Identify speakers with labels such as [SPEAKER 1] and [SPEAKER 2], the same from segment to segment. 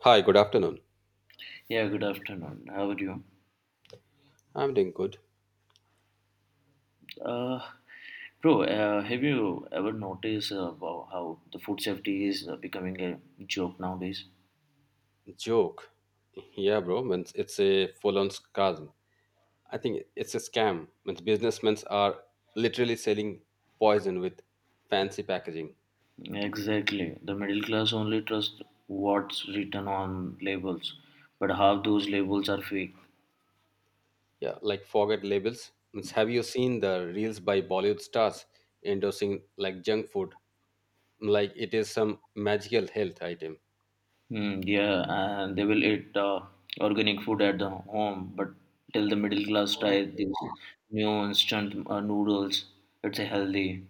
[SPEAKER 1] Hi, good afternoon.
[SPEAKER 2] Yeah, good afternoon. How are you?
[SPEAKER 1] I'm doing good.
[SPEAKER 2] Uh, Bro, have you ever noticed about how the food safety is becoming a joke nowadays?
[SPEAKER 1] Joke. Yeah, bro. Means it's a full on scam. I think it's a scam. Means businessmen are literally selling poison with fancy packaging.
[SPEAKER 2] Exactly. The middle class only trusts what's written on labels, but half those labels are fake.
[SPEAKER 1] Yeah, like forget labels. Means have you seen the reels by Bollywood stars endorsing like junk food? Like it is some magical health item.
[SPEAKER 2] Hmm, yeah, and they will eat organic food at the home, but till the middle class
[SPEAKER 1] Mm.
[SPEAKER 2] try these new instant noodles, it's a healthy.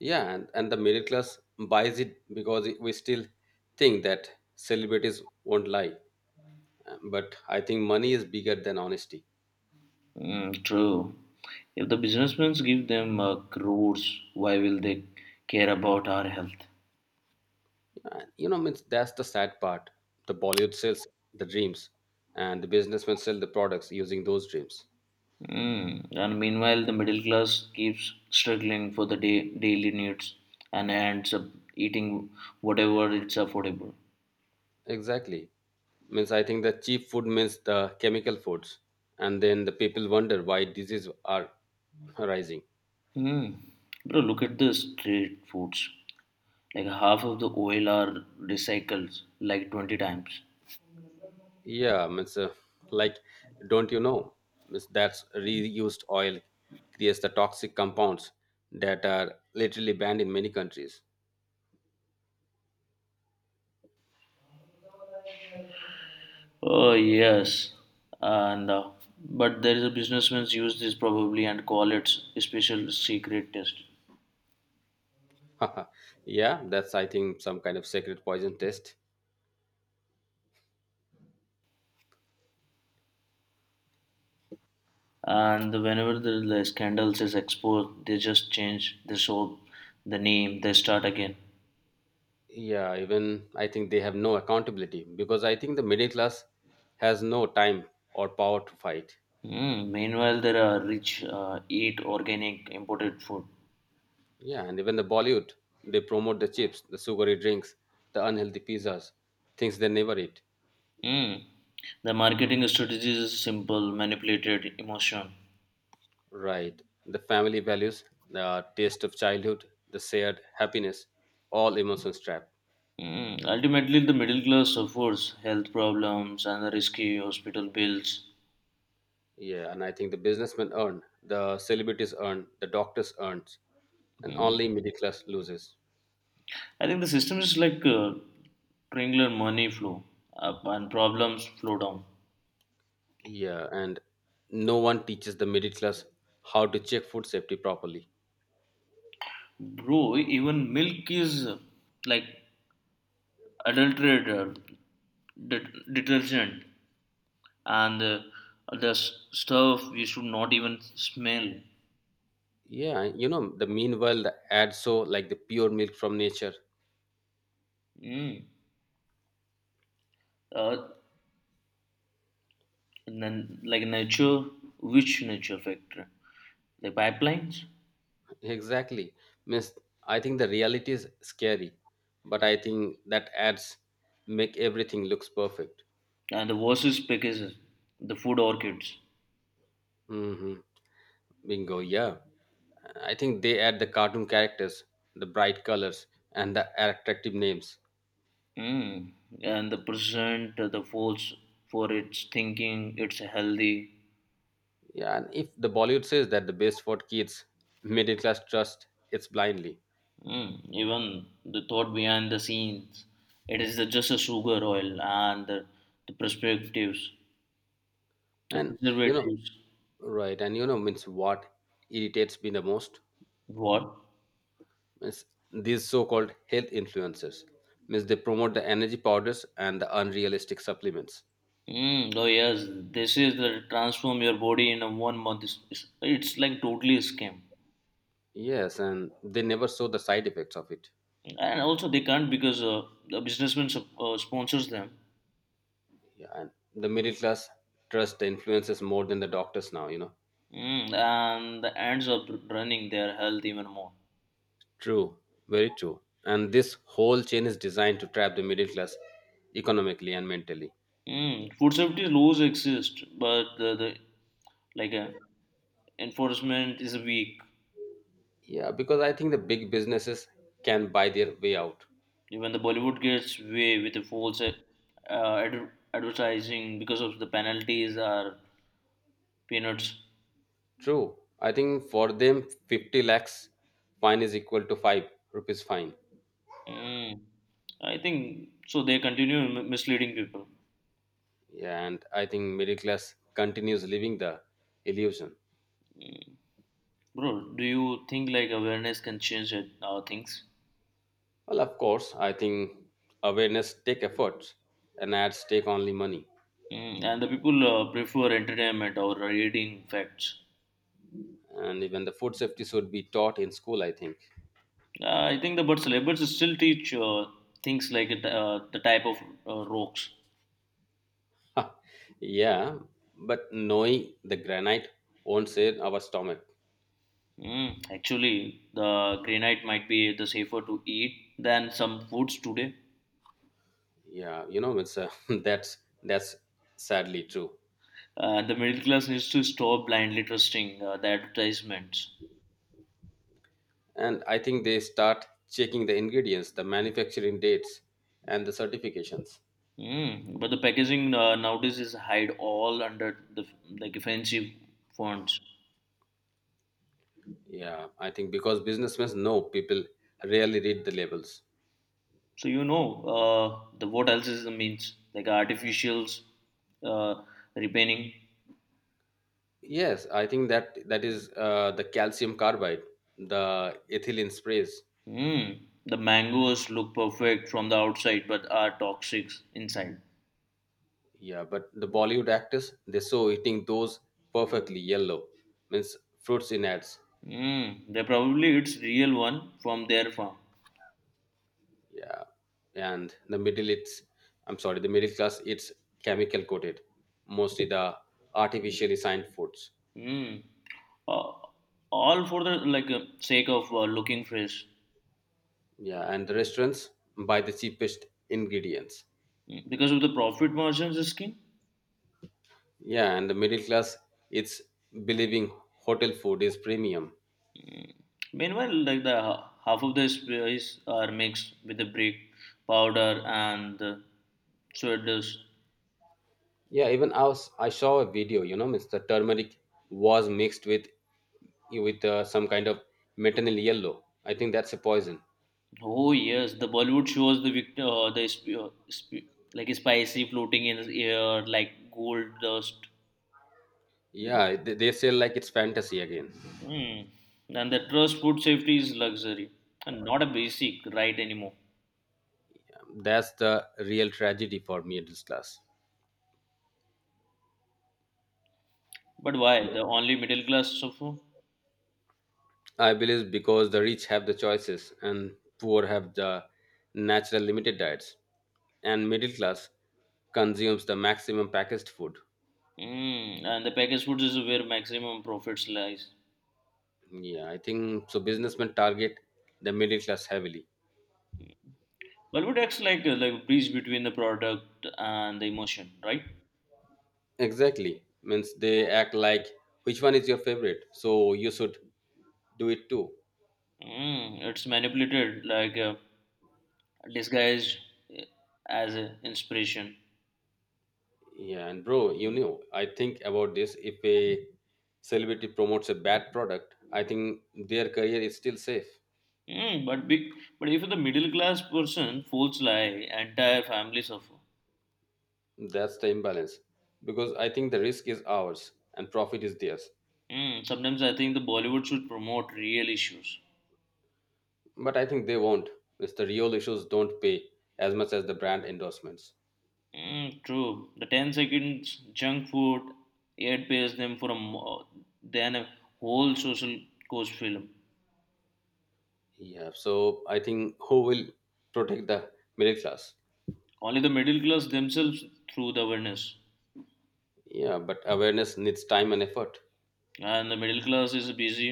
[SPEAKER 1] Yeah, and the middle class buys it because we still think that celebrities won't lie. But I think money is bigger than honesty.
[SPEAKER 2] Mm, true. If the businessmen give them crores, why will they care about our health?
[SPEAKER 1] Means that's the sad part. The Bollywood sells the dreams, and the businessmen sell the products using those dreams.
[SPEAKER 2] Mm. And meanwhile, the middle class keeps struggling for the day, daily needs and ends up eating whatever it's affordable.
[SPEAKER 1] Exactly. Means I think the cheap food means the chemical foods, and then the people wonder why diseases are rising.
[SPEAKER 2] Mm. Bro, look at the street foods. Like half of the oil are recycled like 20 times.
[SPEAKER 1] Yeah, means like don't you know? Means that's reused oil creates the toxic compounds that are literally banned in many countries.
[SPEAKER 2] Oh yes, and but there is a businessman use this probably and call it special secret test.
[SPEAKER 1] Yeah, that's I think some kind of secret poison test.
[SPEAKER 2] And whenever the scandals is exposed, they just change the soap, the name, they start again.
[SPEAKER 1] Yeah, even I think they have no accountability because I think the middle class has no time or power to fight.
[SPEAKER 2] Mm, meanwhile, there are rich eat organic imported food.
[SPEAKER 1] Yeah, and even the Bollywood, they promote the chips, the sugary drinks, the unhealthy pizzas, things they never eat.
[SPEAKER 2] Mm. The marketing strategy is simple, manipulated emotion.
[SPEAKER 1] Right. The family values, the taste of childhood, the shared happiness, all emotions trapped.
[SPEAKER 2] Mm. Ultimately, the middle class suffers health problems and the risky hospital bills.
[SPEAKER 1] Yeah, and I think the businessmen earn, the celebrities earn, the doctors earn, and
[SPEAKER 2] Hmm,
[SPEAKER 1] only middle class loses.
[SPEAKER 2] I think the system is like triangular money flow up and problems flow down.
[SPEAKER 1] Yeah, and no one teaches the middle class how to check food safety properly.
[SPEAKER 2] Bro, even milk is like adulterated detergent and the stuff we should not even smell.
[SPEAKER 1] Yeah, the meanwhile the ad so like the pure milk from nature.
[SPEAKER 2] Mm. Uh, and then like nature, which nature factor? The pipelines
[SPEAKER 1] Exactly. Means I think the reality is scary, but I think that ads make everything looks perfect.
[SPEAKER 2] and the versus packages, the food orchids.
[SPEAKER 1] Hmm. Bingo, yeah. I think they add the cartoon characters, the bright colors, and the attractive names.
[SPEAKER 2] Mm. And the present, the force for its thinking, it's healthy.
[SPEAKER 1] Yeah, and if the Bollywood says that the best for kids, middle class trust it's blindly.
[SPEAKER 2] Mm. Even the thought behind the scenes, it is just a sugar oil and the perspectives, the
[SPEAKER 1] And you know
[SPEAKER 2] preservatives.
[SPEAKER 1] right. And means what irritates me the most
[SPEAKER 2] What?
[SPEAKER 1] is these so-called health influencers. Means they promote the energy powders and the unrealistic supplements.
[SPEAKER 2] Mm. Oh yes, this is the transform your body in a 1 month. It's like totally a scam.
[SPEAKER 1] Yes, and they never show the side effects of it.
[SPEAKER 2] And also they can't because the businessman sponsors them.
[SPEAKER 1] Yeah, and the middle class trust the influencers more than the doctors now.
[SPEAKER 2] Mm. And the ends up running their health even more.
[SPEAKER 1] True very true, and this whole chain is designed to trap the middle class economically and mentally.
[SPEAKER 2] Mm, food safety laws exist, but the like enforcement is weak.
[SPEAKER 1] Yeah, because I think the big businesses can buy their way out.
[SPEAKER 2] Even the Bollywood gets away with the false advertising because of the penalties are peanuts.
[SPEAKER 1] True. I think for them, 50 lakhs fine is equal to 5 rupees fine.
[SPEAKER 2] Mm, I think so. They continue misleading people,
[SPEAKER 1] Yeah, and I think middle class continues living the illusion.
[SPEAKER 2] bro. Do you think like awareness can change things?
[SPEAKER 1] Well, of course, I think awareness take efforts and ads take only money.
[SPEAKER 2] Mm, and the people prefer entertainment or reading facts.
[SPEAKER 1] And even the food safety should be taught in school, I think.
[SPEAKER 2] I think the but celebrities still teach things like the type of rocks.
[SPEAKER 1] Yeah, but knowing the granite won't save our stomach.
[SPEAKER 2] Mm, actually, the granite might be the safer to eat than some foods today.
[SPEAKER 1] Yeah, you know, it's that's sadly true.
[SPEAKER 2] The middle class needs to stop blindly trusting the advertisements.
[SPEAKER 1] And I think they start checking the ingredients, the manufacturing dates, and the certifications.
[SPEAKER 2] Mm, but the packaging nowadays is hide all under the like offensive fonts.
[SPEAKER 1] Yeah, I think because businessmen know people rarely read the labels.
[SPEAKER 2] So you know the what else is the means like artificials, uh, repainting.
[SPEAKER 1] Yes, I think that that is the calcium carbide, the ethylene sprays.
[SPEAKER 2] Mm. The mangoes look perfect from the outside but are toxic inside.
[SPEAKER 1] Yeah, but the Bollywood actors they saw eating those perfectly yellow means fruits in ads.
[SPEAKER 2] Mm. They probably it's real one from their farm.
[SPEAKER 1] Yeah, and the middle it's I'm sorry, the middle class it's chemical coated, mostly the artificially signed foods.
[SPEAKER 2] Mm. Uh, all for the like sake of looking fresh.
[SPEAKER 1] Yeah, and the restaurants buy the cheapest ingredients.
[SPEAKER 2] Mm, because of the profit margins scheme.
[SPEAKER 1] Yeah, and the middle class, it's believing hotel food is premium.
[SPEAKER 2] Meanwhile, like the half of the spices are mixed with the brick powder and the sawdust.
[SPEAKER 1] Yeah, even I saw a video, means the turmeric was mixed with some kind of maternal yellow. I think that's a poison.
[SPEAKER 2] Oh yes, the Bollywood shows the like spicy floating in the air, like gold dust.
[SPEAKER 1] Yeah, they say like it's fantasy again.
[SPEAKER 2] Hmm. And the trust food safety is luxury and not a basic right anymore.
[SPEAKER 1] That's the real tragedy for middle class.
[SPEAKER 2] But why? The only middle class suffer.
[SPEAKER 1] I believe because the rich have the choices and poor have the natural limited diets, and middle class consumes the maximum packaged food.
[SPEAKER 2] Mm, and the packaged foods is where maximum profits lies.
[SPEAKER 1] Yeah, I think so. Businessmen target the middle class heavily.
[SPEAKER 2] Bollywood acts like a bridge between the product and the emotion, right?
[SPEAKER 1] Exactly. Means they act like which one is your favorite, so you should do it too.
[SPEAKER 2] Mm, it's manipulated, like disguised uh, as a inspiration.
[SPEAKER 1] Yeah, and bro, I think about this. If a celebrity promotes a bad product, I think their career is still safe.
[SPEAKER 2] Mm, but if the middle class person falls lie, entire family suffer.
[SPEAKER 1] That's the imbalance. Because I think the risk is ours and profit is theirs.
[SPEAKER 2] Mm, sometimes I think the Bollywood should promote real issues.
[SPEAKER 1] But I think they won't. It's the real issues don't pay as much as the brand endorsements.
[SPEAKER 2] Mm, true. The 10 seconds junk food it pays them for a than a whole social cost film.
[SPEAKER 1] Yeah. So I think who will protect the middle class?
[SPEAKER 2] Only the middle class themselves through the awareness,
[SPEAKER 1] Yeah. But awareness needs time and effort.
[SPEAKER 2] and the middle class is busy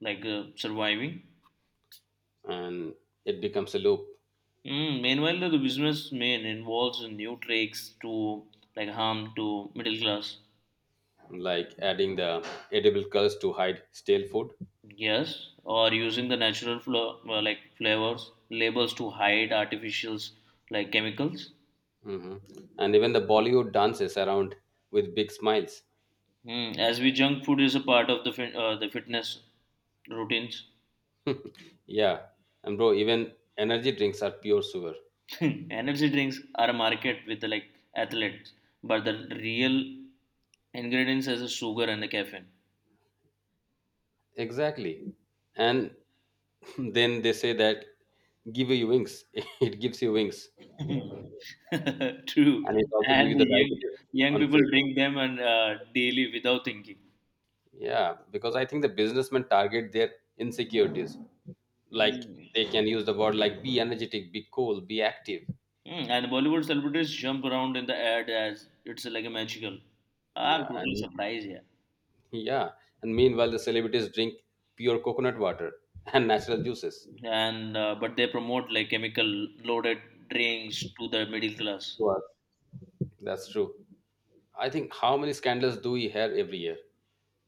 [SPEAKER 2] like surviving.
[SPEAKER 1] And it becomes a loop
[SPEAKER 2] Mm, meanwhile, the businessman involves in new tricks to like harm to middle class.
[SPEAKER 1] like adding the edible colors to hide stale food.
[SPEAKER 2] Yes, or using the natural like flavors labels to hide artificials like chemicals.
[SPEAKER 1] Hmm. And even the Bollywood dances around with big smiles.
[SPEAKER 2] Hmm. As we junk food is a part of the fitness routines.
[SPEAKER 1] Yeah. And bro, even energy drinks are pure sewer.
[SPEAKER 2] Energy drinks are a market with the like athletes, but the real ingredients is the sugar and the caffeine.
[SPEAKER 1] Exactly. And then they say that give you wings. It gives you wings.
[SPEAKER 2] Hmm. True,
[SPEAKER 1] And it also gives you
[SPEAKER 2] and
[SPEAKER 1] the
[SPEAKER 2] the young
[SPEAKER 1] diabetes
[SPEAKER 2] young
[SPEAKER 1] on
[SPEAKER 2] people
[SPEAKER 1] free.
[SPEAKER 2] drink them and daily without thinking.
[SPEAKER 1] Yeah. Because I think the businessmen target their insecurities. Like they
[SPEAKER 2] Mm.
[SPEAKER 1] can use the word like be energetic, be cool, be active.
[SPEAKER 2] Mm, and Bollywood celebrities jump around in the ad as it's like a magical. I'm
[SPEAKER 1] Yeah.
[SPEAKER 2] totally
[SPEAKER 1] And
[SPEAKER 2] surprised here.
[SPEAKER 1] yeah. And meanwhile the celebrities drink pure coconut water and natural juices.
[SPEAKER 2] And but they promote like chemical loaded drinks to the middle class,
[SPEAKER 1] To That's true. I think how many scandals do we hear every year?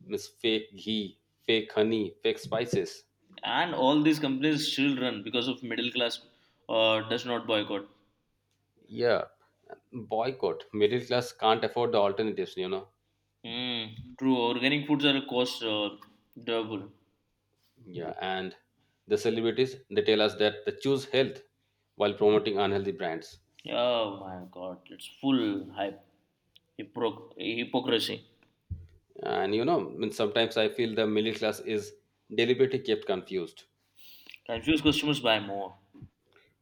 [SPEAKER 1] Miss fake ghee, fake honey, fake spices.
[SPEAKER 2] and all these companies still run because of middle class does not boycott.
[SPEAKER 1] Yeah, boycott. Middle class can't afford the alternatives.
[SPEAKER 2] Mm, true, organic foods are cost double.
[SPEAKER 1] Yeah, and the celebrities they tell us that they choose health while promoting unhealthy brands.
[SPEAKER 2] Oh my God, it's full hype, hypocrisy.
[SPEAKER 1] And I mean, sometimes I feel the middle class is deliberately kept confused.
[SPEAKER 2] Confused customers buy more.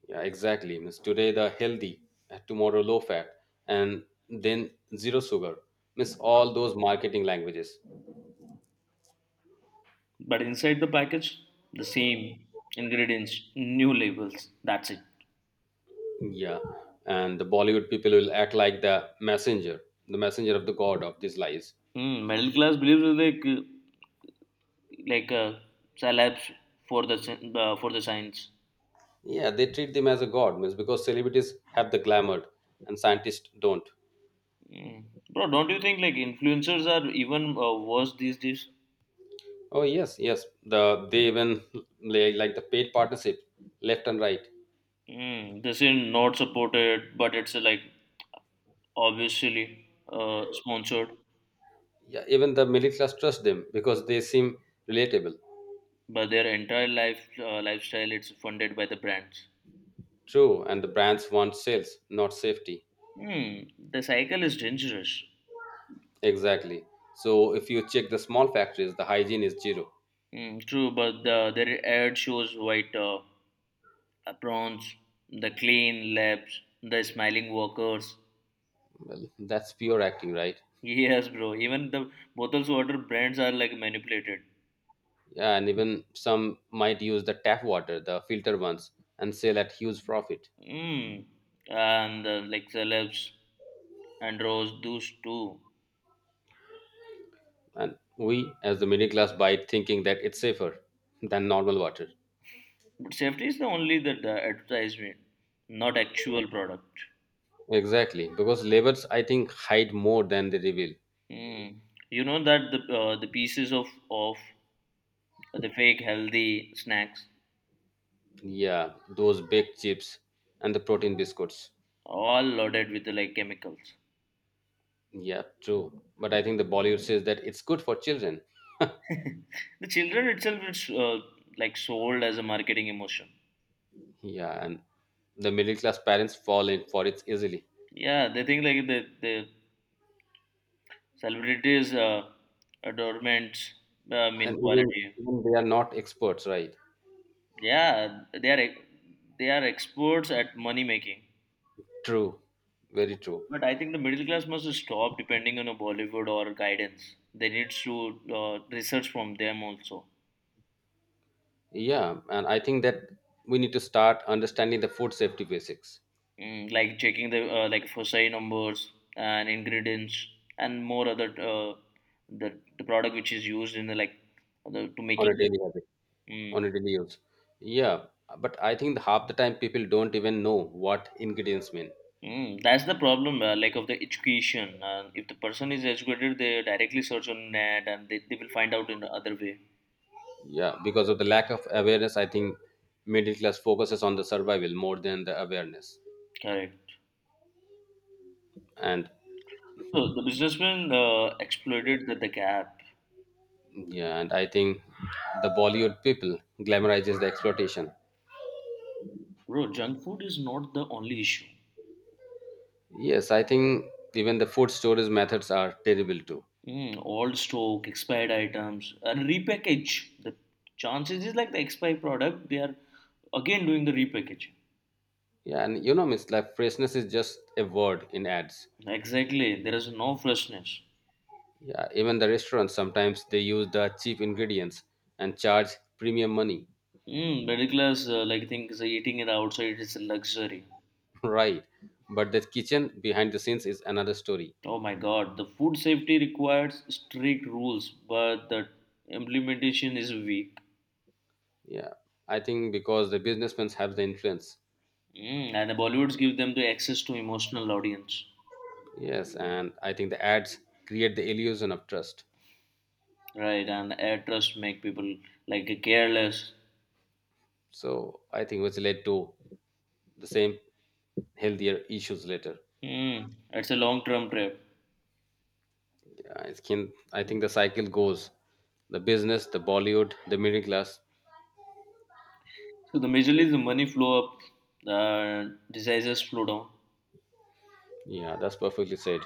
[SPEAKER 1] Yeah, exactly. Means today the healthy, tomorrow low fat, and then zero sugar. Means all those marketing languages.
[SPEAKER 2] But inside the package, the same ingredients, new labels. That's it.
[SPEAKER 1] Yeah, and the Bollywood people will act like the messenger of the god of these lies.
[SPEAKER 2] Mm, middle class believes it's like celebs for the for the science.
[SPEAKER 1] Yeah, they treat them as a god, means because celebrities have the glamour and scientists don't.
[SPEAKER 2] Mm. Bro, don't you think like influencers are even worse these days?
[SPEAKER 1] Oh yes, yes. They even like the paid partnership, left and right.
[SPEAKER 2] Mm, this is not supported, but it's like obviously sponsored.
[SPEAKER 1] Yeah, even the middle class trust them because they seem relatable.
[SPEAKER 2] But their entire lifestyle it's funded by the brands.
[SPEAKER 1] True, and the brands want sales, not safety.
[SPEAKER 2] Hmm, the cycle is dangerous.
[SPEAKER 1] Exactly. So if you check the small factories, the hygiene is zero.
[SPEAKER 2] Mm, true, but their ad shows white aprons, the clean labs, the smiling workers.
[SPEAKER 1] Well, that's pure acting, right?
[SPEAKER 2] Yes, bro. Even the bottles water brands are like manipulated.
[SPEAKER 1] Yeah, and even some might use the tap water, the filter ones, and sell at huge profit.
[SPEAKER 2] Mm. And like celebs and rose those too.
[SPEAKER 1] And we, as the middle class, buy it thinking that it's safer than normal water.
[SPEAKER 2] But safety is the only the advertisement, not actual product.
[SPEAKER 1] Exactly, because labels, I think, hide more than they reveal.
[SPEAKER 2] Mm. You know that the pieces of the fake healthy snacks
[SPEAKER 1] Yeah, those baked chips and the protein biscuits.
[SPEAKER 2] all loaded with like chemicals.
[SPEAKER 1] Yeah, true. But I think the Bollywood says that it's good for children.
[SPEAKER 2] The children itself is like sold as a marketing emotion.
[SPEAKER 1] Yeah, and the middle class parents fall in for it easily.
[SPEAKER 2] Yeah, they think like the celebrities adornments
[SPEAKER 1] And
[SPEAKER 2] mean
[SPEAKER 1] even,
[SPEAKER 2] quality.
[SPEAKER 1] even they are not experts, right?
[SPEAKER 2] Yeah, they are experts at money making.
[SPEAKER 1] True, very true.
[SPEAKER 2] But I think the middle class must stop depending on a Bollywood or guidance. They need to research from them also.
[SPEAKER 1] Yeah, and I think that we need to start understanding the food safety basics
[SPEAKER 2] Mm, like checking the like FOSI numbers and ingredients and more other the product which is used in the like to
[SPEAKER 1] on
[SPEAKER 2] making
[SPEAKER 1] a
[SPEAKER 2] it.
[SPEAKER 1] daily on
[SPEAKER 2] Mm,
[SPEAKER 1] a daily use. Yeah, but I think half the time people don't even know what ingredients mean.
[SPEAKER 2] that's the problem, like of the education. If the person is educated, they directly search on net and they will find out in the other way.
[SPEAKER 1] Yeah, because of the lack of awareness, I think middle class focuses on the survival more than the awareness.
[SPEAKER 2] Correct.
[SPEAKER 1] And
[SPEAKER 2] So the businessman exploited the gap.
[SPEAKER 1] yeah, and I think the Bollywood people glamorizes the exploitation.
[SPEAKER 2] Bro, junk food is not the only issue.
[SPEAKER 1] Yes, I think even the food storage methods are terrible too.
[SPEAKER 2] Mm, old stock, expired items, and repackage. The chances is like the expired product, they are again doing the repackaging.
[SPEAKER 1] Yeah, and it's like freshness is just a word in ads.
[SPEAKER 2] Exactly, there is no freshness.
[SPEAKER 1] Yeah, even the restaurants sometimes they use the cheap ingredients and charge premium money.
[SPEAKER 2] Mm, middle class like things eating it outside is a luxury.
[SPEAKER 1] Right. But the kitchen behind the scenes is another story.
[SPEAKER 2] Oh my God, the food safety requires strict rules, but the implementation is weak.
[SPEAKER 1] Yeah. I think because the businessmen have the influence.
[SPEAKER 2] Mm, and the Bollywoods give them the access to emotional audience,
[SPEAKER 1] Yes. And I think the ads create the illusion of trust.
[SPEAKER 2] right? And air trust make people like careless.
[SPEAKER 1] So I think which led to the same healthier issues later.
[SPEAKER 2] Mm, it's a long-term trip.
[SPEAKER 1] Yeah, it can, I think the cycle goes the business, the Bollywood, the middle class.
[SPEAKER 2] So the majorly is the money flow up, the diseases flow down.
[SPEAKER 1] Yeah, that's perfectly said.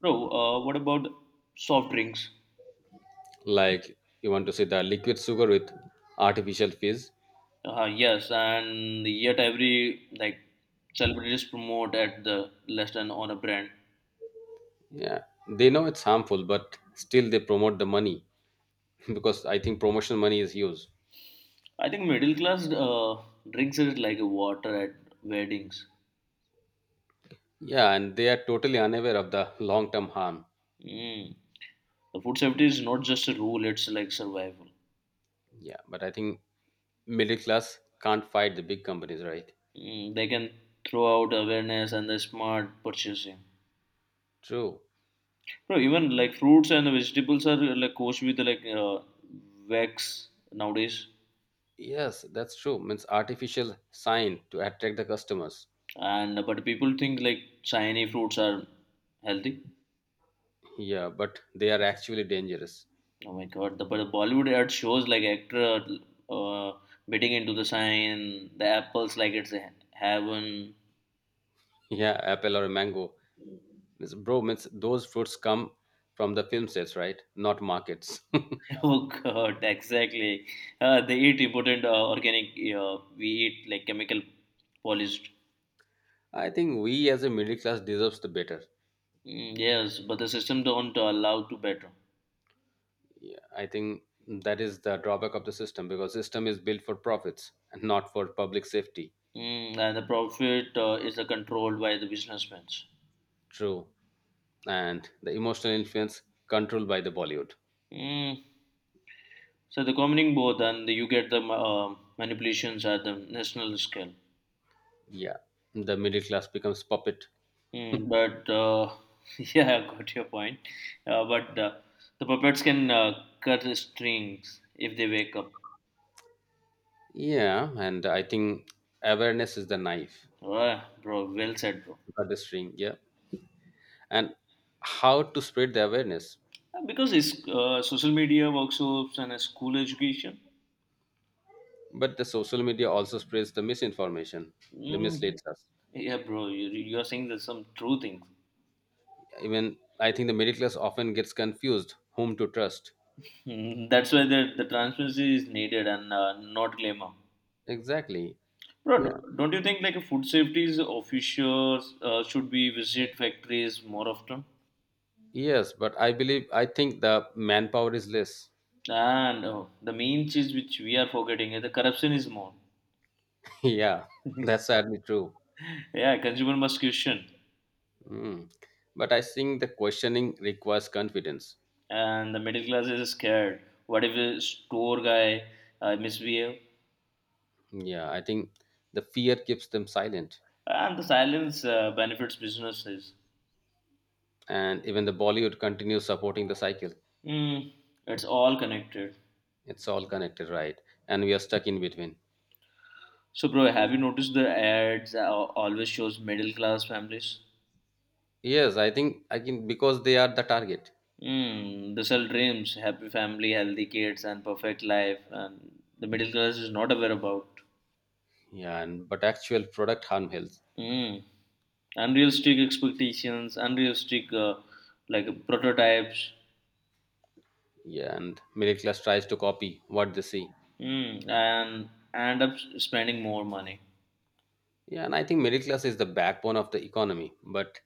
[SPEAKER 2] Bro, what about soft drinks?
[SPEAKER 1] Like you want to see the liquid sugar with artificial fizz.
[SPEAKER 2] Yes, and yet every like celebrities promote at the less than on a brand.
[SPEAKER 1] Yeah. They know it's harmful, but still they promote the money because I think promotional money is used.
[SPEAKER 2] I think middle class drinks it like a water at weddings.
[SPEAKER 1] Yeah, and they are totally unaware of the long term harm.
[SPEAKER 2] Mm. The food safety is not just a rule; it's like survival.
[SPEAKER 1] Yeah, but I think middle class can't fight the big companies, right?
[SPEAKER 2] Mm, they can throw out awareness and the smart purchasing.
[SPEAKER 1] True.
[SPEAKER 2] Bro, even like fruits and vegetables are like coated with like wax nowadays,
[SPEAKER 1] Yes, that's true. Means artificial sign to attract the customers.
[SPEAKER 2] and but people think like shiny fruits are healthy.
[SPEAKER 1] Yeah, but they are actually dangerous.
[SPEAKER 2] Oh my god! But the Bollywood ad shows like actor uh, biting into the sign, the apples like it's a heaven.
[SPEAKER 1] Yeah, apple or mango. Means, bro, means those fruits come from the film sets, right? Not markets.
[SPEAKER 2] Oh god! Exactly. They eat important organic. We eat like chemical polished.
[SPEAKER 1] I think we as a middle class deserves the better.
[SPEAKER 2] Mm, yes, but the system don't allow to better.
[SPEAKER 1] Yeah, I think that is the drawback of the system because system is built for profits and not for public safety.
[SPEAKER 2] Mm, and the profit is controlled by the businessmen.
[SPEAKER 1] True. And the emotional influence controlled by the Bollywood.
[SPEAKER 2] Mm. So the combining both, and you get the manipulations at the national scale.
[SPEAKER 1] Yeah. The middle class becomes puppet.
[SPEAKER 2] Mm, but yeah, I got your point. But the puppets can cut the strings if they wake up.
[SPEAKER 1] Yeah, and I think awareness is the knife,
[SPEAKER 2] Ah, bro, well said, bro.
[SPEAKER 1] not the string. Yeah. And how to spread the awareness.
[SPEAKER 2] Because it's social media workshops and school education.
[SPEAKER 1] But the social media also spreads the misinformation. They
[SPEAKER 2] Mm.
[SPEAKER 1] misleads us.
[SPEAKER 2] Yeah, bro, you are saying there's some true things.
[SPEAKER 1] Even I think the middle class often gets confused whom to trust.
[SPEAKER 2] Mm, that's why the transparency is needed and not glamour.
[SPEAKER 1] Exactly.
[SPEAKER 2] Bro,
[SPEAKER 1] Yeah.
[SPEAKER 2] don't you think like food safety officials should be visit factories more often?
[SPEAKER 1] Yes, but I believe I think the manpower is less.
[SPEAKER 2] And the main cheese which we are forgetting is the corruption is more.
[SPEAKER 1] Yeah, that's sadly true.
[SPEAKER 2] Yeah, consumer must question,
[SPEAKER 1] Mm. But I think the questioning requires confidence.
[SPEAKER 2] and the middle class is scared. What if a store guy misbehave?
[SPEAKER 1] Yeah, I think the fear keeps them silent,
[SPEAKER 2] And the silence benefits businesses.
[SPEAKER 1] and even the Bollywood continues supporting the cycle.
[SPEAKER 2] Mm, it's all connected.
[SPEAKER 1] It's all connected, right? And we are stuck in between.
[SPEAKER 2] So, bro, have you noticed the ads always shows middle class families?
[SPEAKER 1] Yes, I think I can because they are the target.
[SPEAKER 2] Hmm, they sell dreams, happy family, healthy kids, and perfect life, and the middle class is not aware about.
[SPEAKER 1] Yeah, and but actual product harm health.
[SPEAKER 2] Hmm, unrealistic expectations, unrealistic like prototypes,
[SPEAKER 1] Yeah, and middle class tries to copy what they see.
[SPEAKER 2] hmm, and end up spending more money.
[SPEAKER 1] Yeah, and I think middle class is the backbone of the economy, but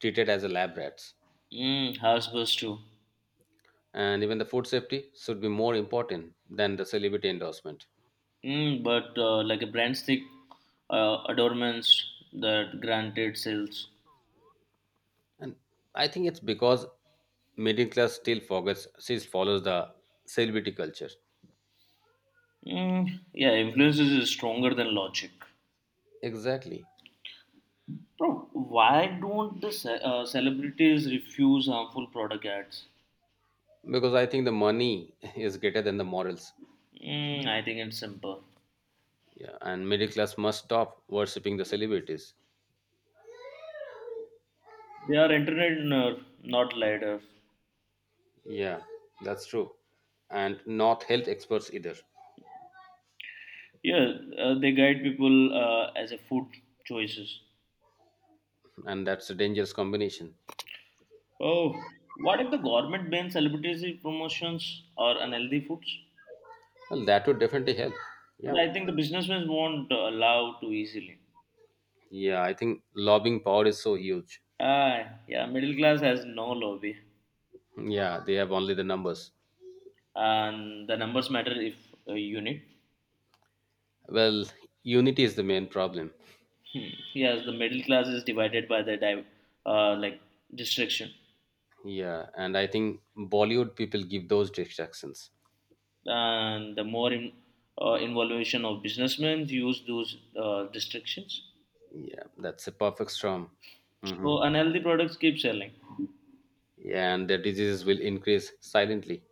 [SPEAKER 1] treated as a lab rats.
[SPEAKER 2] Hmm, house bus too.
[SPEAKER 1] And even the food safety should be more important than the celebrity endorsement.
[SPEAKER 2] Mm, but like a brand stick, adornments that granted sales.
[SPEAKER 1] And I think it's because middle class still forgets, still follows the celebrity culture.
[SPEAKER 2] Mm, yeah, influence is stronger than logic.
[SPEAKER 1] Exactly.
[SPEAKER 2] Bro, why don't the celebrities refuse harmful product ads?
[SPEAKER 1] Because I think the money is greater than the morals.
[SPEAKER 2] Mm, I think it's simple.
[SPEAKER 1] Yeah, and middle class must stop worshipping the celebrities.
[SPEAKER 2] They are internet nerd, not leaders.
[SPEAKER 1] Yeah, that's true. And not health experts either.
[SPEAKER 2] Yeah, they guide people as a food choices.
[SPEAKER 1] And that's a dangerous combination.
[SPEAKER 2] Oh, what if the government bans celebrity promotions or unhealthy foods?
[SPEAKER 1] Well, that would definitely help.
[SPEAKER 2] But
[SPEAKER 1] Yeah.
[SPEAKER 2] I think the businessmen won't allow too easily.
[SPEAKER 1] Yeah, I think lobbying power is so huge.
[SPEAKER 2] Ah, yeah, middle class has no lobby.
[SPEAKER 1] Yeah, they have only the numbers.
[SPEAKER 2] And the numbers matter if you need.
[SPEAKER 1] Well, unity is the main problem.
[SPEAKER 2] Hmm. Yes, the middle class is divided by the uh, like distraction,
[SPEAKER 1] Yeah, and I think Bollywood people give those distractions.
[SPEAKER 2] and the more in, involution of businessmen use those distractions.
[SPEAKER 1] Yeah, that's a perfect storm. Hmm.
[SPEAKER 2] So unhealthy products keep selling.
[SPEAKER 1] Yeah, and the diseases will increase silently.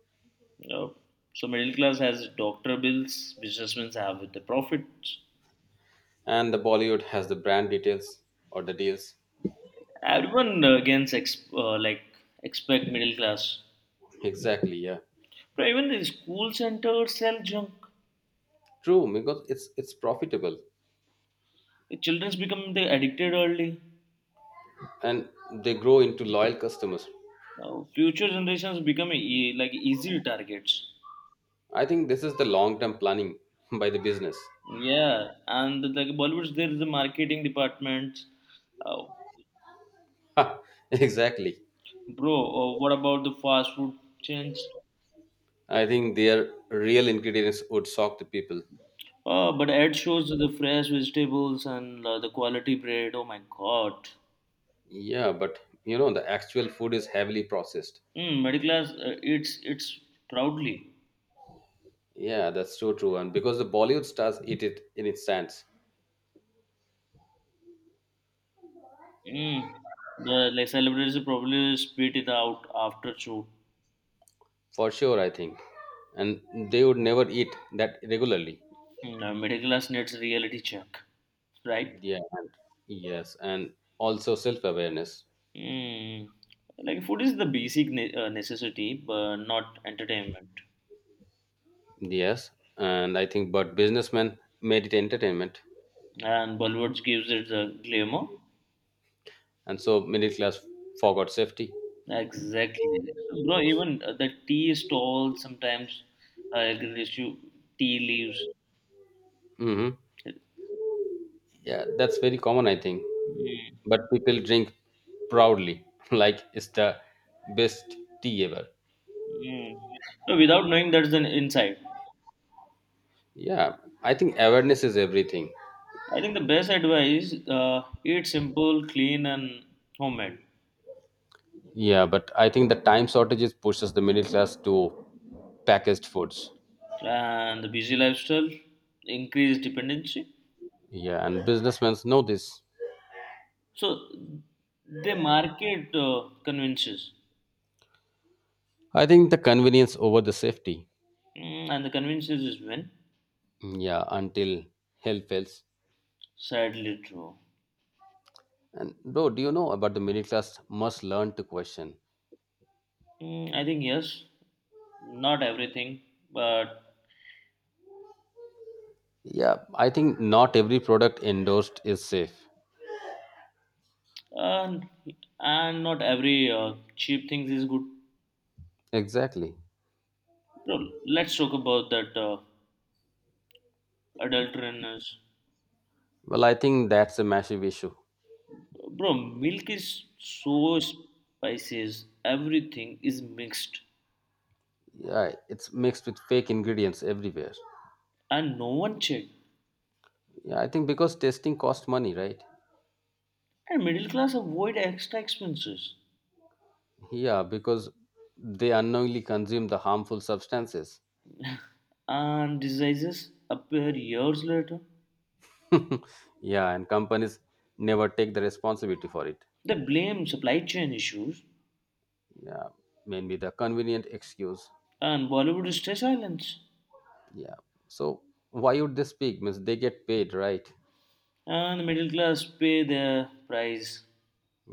[SPEAKER 2] Uh, so middle class has doctor bills, businessmen have the profits.
[SPEAKER 1] And the Bollywood has the brand details or the deals.
[SPEAKER 2] Everyone against ex- like expect middle class.
[SPEAKER 1] Exactly. Yeah.
[SPEAKER 2] But even the school centers sell junk.
[SPEAKER 1] True, because it's profitable,
[SPEAKER 2] The childrens become the addicted early.
[SPEAKER 1] and they grow into loyal customers.
[SPEAKER 2] Now, future generations become easy targets.
[SPEAKER 1] I think this is the long term planning by the business.
[SPEAKER 2] Yeah, and like Bollywood's there is the marketing department. Uh,
[SPEAKER 1] Exactly.
[SPEAKER 2] bro, what about the fast food chains?
[SPEAKER 1] I think their real ingredients would shock the people.
[SPEAKER 2] Oh, but ad shows the fresh vegetables and the quality bread. Oh my God.
[SPEAKER 1] Yeah, but you know, the actual food is heavily processed.
[SPEAKER 2] Mm, middle class eats it's proudly.
[SPEAKER 1] Yeah, that's so true. And because the Bollywood stars eat it in its stands,
[SPEAKER 2] Mm. The like celebrities probably spit it out after show.
[SPEAKER 1] for sure, I think. And they would never eat that regularly.
[SPEAKER 2] Mm, middle class needs reality check, right?
[SPEAKER 1] Yeah, and yes, and also self awareness.
[SPEAKER 2] Hmm. Like food is the basic necessity, but not entertainment.
[SPEAKER 1] Yes, and I think, but businessmen made it entertainment.
[SPEAKER 2] And Bollywood gives it the glamour.
[SPEAKER 1] And so middle class forgot safety.
[SPEAKER 2] Exactly, bro. Even the tea stall sometimes gives you tea leaves.
[SPEAKER 1] Hmm. Yeah, that's very common, I think.
[SPEAKER 2] Mm.
[SPEAKER 1] But people drink proudly like it's the best tea ever.
[SPEAKER 2] Mm. So without knowing that's an insight.
[SPEAKER 1] Yeah, I think awareness is everything.
[SPEAKER 2] I think the best advice: eat simple, clean, and homemade.
[SPEAKER 1] Yeah, but I think the time shortages pushes the middle class to packaged foods.
[SPEAKER 2] And the busy lifestyle increase dependency.
[SPEAKER 1] Yeah, and businessmen know this.
[SPEAKER 2] So the market convinces,
[SPEAKER 1] I think the convenience over the safety,
[SPEAKER 2] mm, and the convinces is when
[SPEAKER 1] yeah, until health fails.
[SPEAKER 2] sadly true.
[SPEAKER 1] And bro, do you know about the middle class must learn to question?
[SPEAKER 2] Mm, I think yes, not everything, but
[SPEAKER 1] Yeah, I think not every product endorsed is safe.
[SPEAKER 2] and and not every cheap things is good.
[SPEAKER 1] Exactly.
[SPEAKER 2] Bro, let's talk about that adulteraneous.
[SPEAKER 1] Well, I think that's a massive issue.
[SPEAKER 2] Bro, milk is so spices. Everything is mixed,
[SPEAKER 1] Yeah, it's mixed with fake ingredients everywhere.
[SPEAKER 2] and no one check.
[SPEAKER 1] Yeah, I think because testing costs money, right?
[SPEAKER 2] And middle class avoid extra expenses.
[SPEAKER 1] Yeah, because they unknowingly consume the harmful substances.
[SPEAKER 2] And diseases appear years later.
[SPEAKER 1] Yeah, and companies never take the responsibility for it.
[SPEAKER 2] They blame supply chain issues,
[SPEAKER 1] Yeah, mainly the convenient excuse.
[SPEAKER 2] and Bollywood stays silent,
[SPEAKER 1] Yeah, so why would they speak means they get paid, right?
[SPEAKER 2] and the middle class pay their price.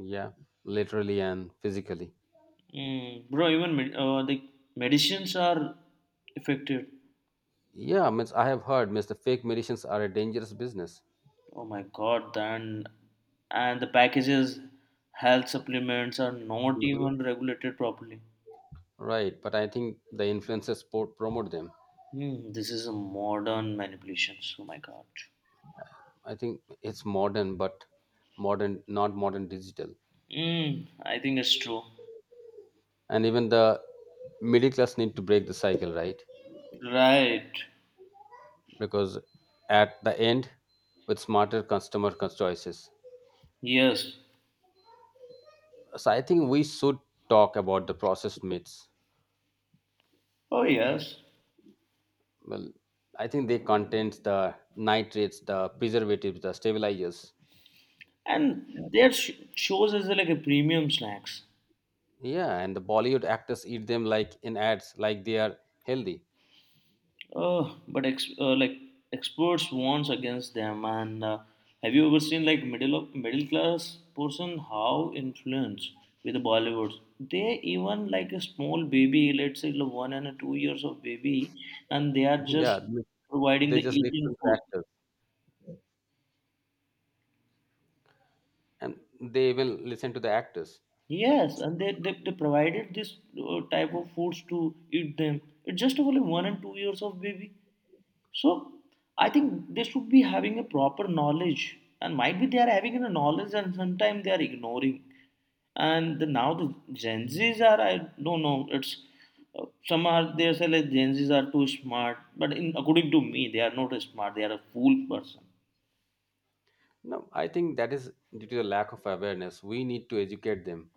[SPEAKER 1] Yeah, literally and physically.
[SPEAKER 2] Mm, bro, even the medicines are affected.
[SPEAKER 1] Yeah, means I have heard means the fake medicines are a dangerous business.
[SPEAKER 2] Oh my god, then and the packages, health supplements are not
[SPEAKER 1] Mhm.
[SPEAKER 2] even regulated properly.
[SPEAKER 1] Right, but I think the influencers promote them.
[SPEAKER 2] Hmm, this is a modern manipulations. Oh my god.
[SPEAKER 1] I think it's modern, but modern, not modern digital.
[SPEAKER 2] Hmm, I think it's true.
[SPEAKER 1] And even the middle class need to break the cycle, right?
[SPEAKER 2] Right.
[SPEAKER 1] Because at the end, with smarter customer choices.
[SPEAKER 2] Yes.
[SPEAKER 1] So I think we should talk about the processed meats.
[SPEAKER 2] Oh yes,
[SPEAKER 1] Well, I think they contains the nitrates, the preservatives, the stabilizers.
[SPEAKER 2] and their shows as like a premium snacks.
[SPEAKER 1] Yeah, and the Bollywood actors eat them like in ads, like they are healthy.
[SPEAKER 2] But experts warns against them. And have you ever seen like middle of middle class person how influenced with the Bollywood? They even like a small baby, let's say like one and a 2 years of baby, and they are
[SPEAKER 1] Yeah,
[SPEAKER 2] just providing
[SPEAKER 1] they
[SPEAKER 2] the
[SPEAKER 1] just listen
[SPEAKER 2] eating
[SPEAKER 1] to the
[SPEAKER 2] food.
[SPEAKER 1] actors, and they even listen to the actors.
[SPEAKER 2] Yes, and they provided this type of foods to eat them. It's just only 1 and 2 years of baby. So I think they should be having a proper knowledge, and might be they are having a knowledge, and sometimes they are ignoring. And the, now the Gen Zs are I don't know. It's some are they say like Gen Zs are too smart, but in, according to me, they are not smart. They are a fool person.
[SPEAKER 1] No, I think that is due to the lack of awareness. We need to educate them.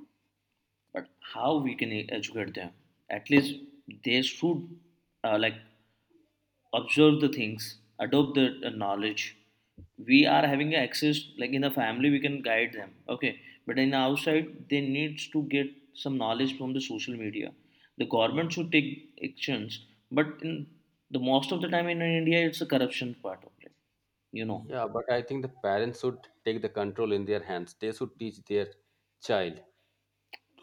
[SPEAKER 2] But how we can educate them? At least they should uh, like observe the things, adopt the knowledge. We are having access, like in the family, we can guide them. Okay, but in outside, they needs to get some knowledge from the social media. The government should take actions, but in the most of the time in India, it's a corruption part of it, you know.
[SPEAKER 1] Yeah, but I think the parents should take the control in their hands. They should teach their child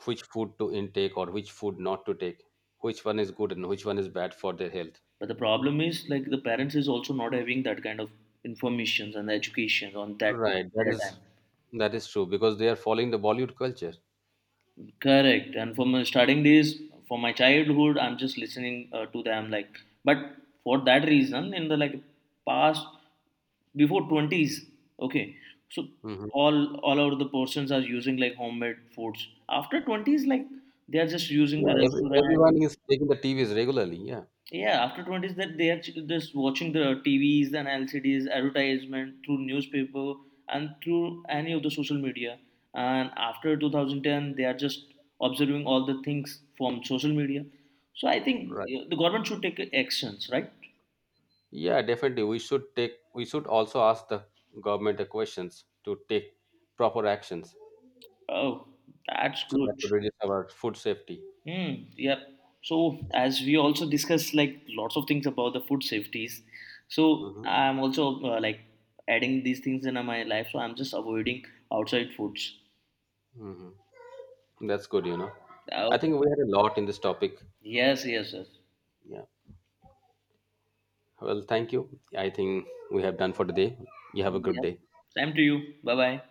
[SPEAKER 1] which food to intake or which food not to take, which one is good and which one is bad for their health.
[SPEAKER 2] But the problem is like the parents is also not having that kind of informations and education on that
[SPEAKER 1] Right, that
[SPEAKER 2] their
[SPEAKER 1] is
[SPEAKER 2] time.
[SPEAKER 1] that is true because they are following the Bollywood culture.
[SPEAKER 2] Correct. And from my starting days, from my childhood, I'm just listening to them. Like, but for that reason, in the like past before twenties, okay, so
[SPEAKER 1] Hmm.
[SPEAKER 2] all over the persons are using like homemade foods. After twenties, like they are just using
[SPEAKER 1] Yeah,
[SPEAKER 2] the restaurant.
[SPEAKER 1] everyone is taking the TVs regularly. Yeah,
[SPEAKER 2] Yeah, after twenties, that they are just watching the TV's and LCD's advertisement through newspaper and through any of the social media. And after 2010, they are just observing all the things from social media. So I think
[SPEAKER 1] right.
[SPEAKER 2] yeah, the government should take actions, right?
[SPEAKER 1] Yeah, definitely. We should take. We should also ask the government the questions to take proper actions.
[SPEAKER 2] Oh, that's
[SPEAKER 1] So that
[SPEAKER 2] good.
[SPEAKER 1] would reduce our food safety.
[SPEAKER 2] Hmm. Yep. So as we also discussed, like lots of things about the food safeties. So
[SPEAKER 1] Hmm.
[SPEAKER 2] I'm also adding these things in my life. So I'm just avoiding outside foods.
[SPEAKER 1] Hmm. That's good, you know. I
[SPEAKER 2] Okay.
[SPEAKER 1] think we had a lot in this topic.
[SPEAKER 2] Yes, yes, yes.
[SPEAKER 1] Yeah. Well, thank you. I think we have done for today. You have a good
[SPEAKER 2] Yeah.
[SPEAKER 1] day.
[SPEAKER 2] Same to you. Bye bye.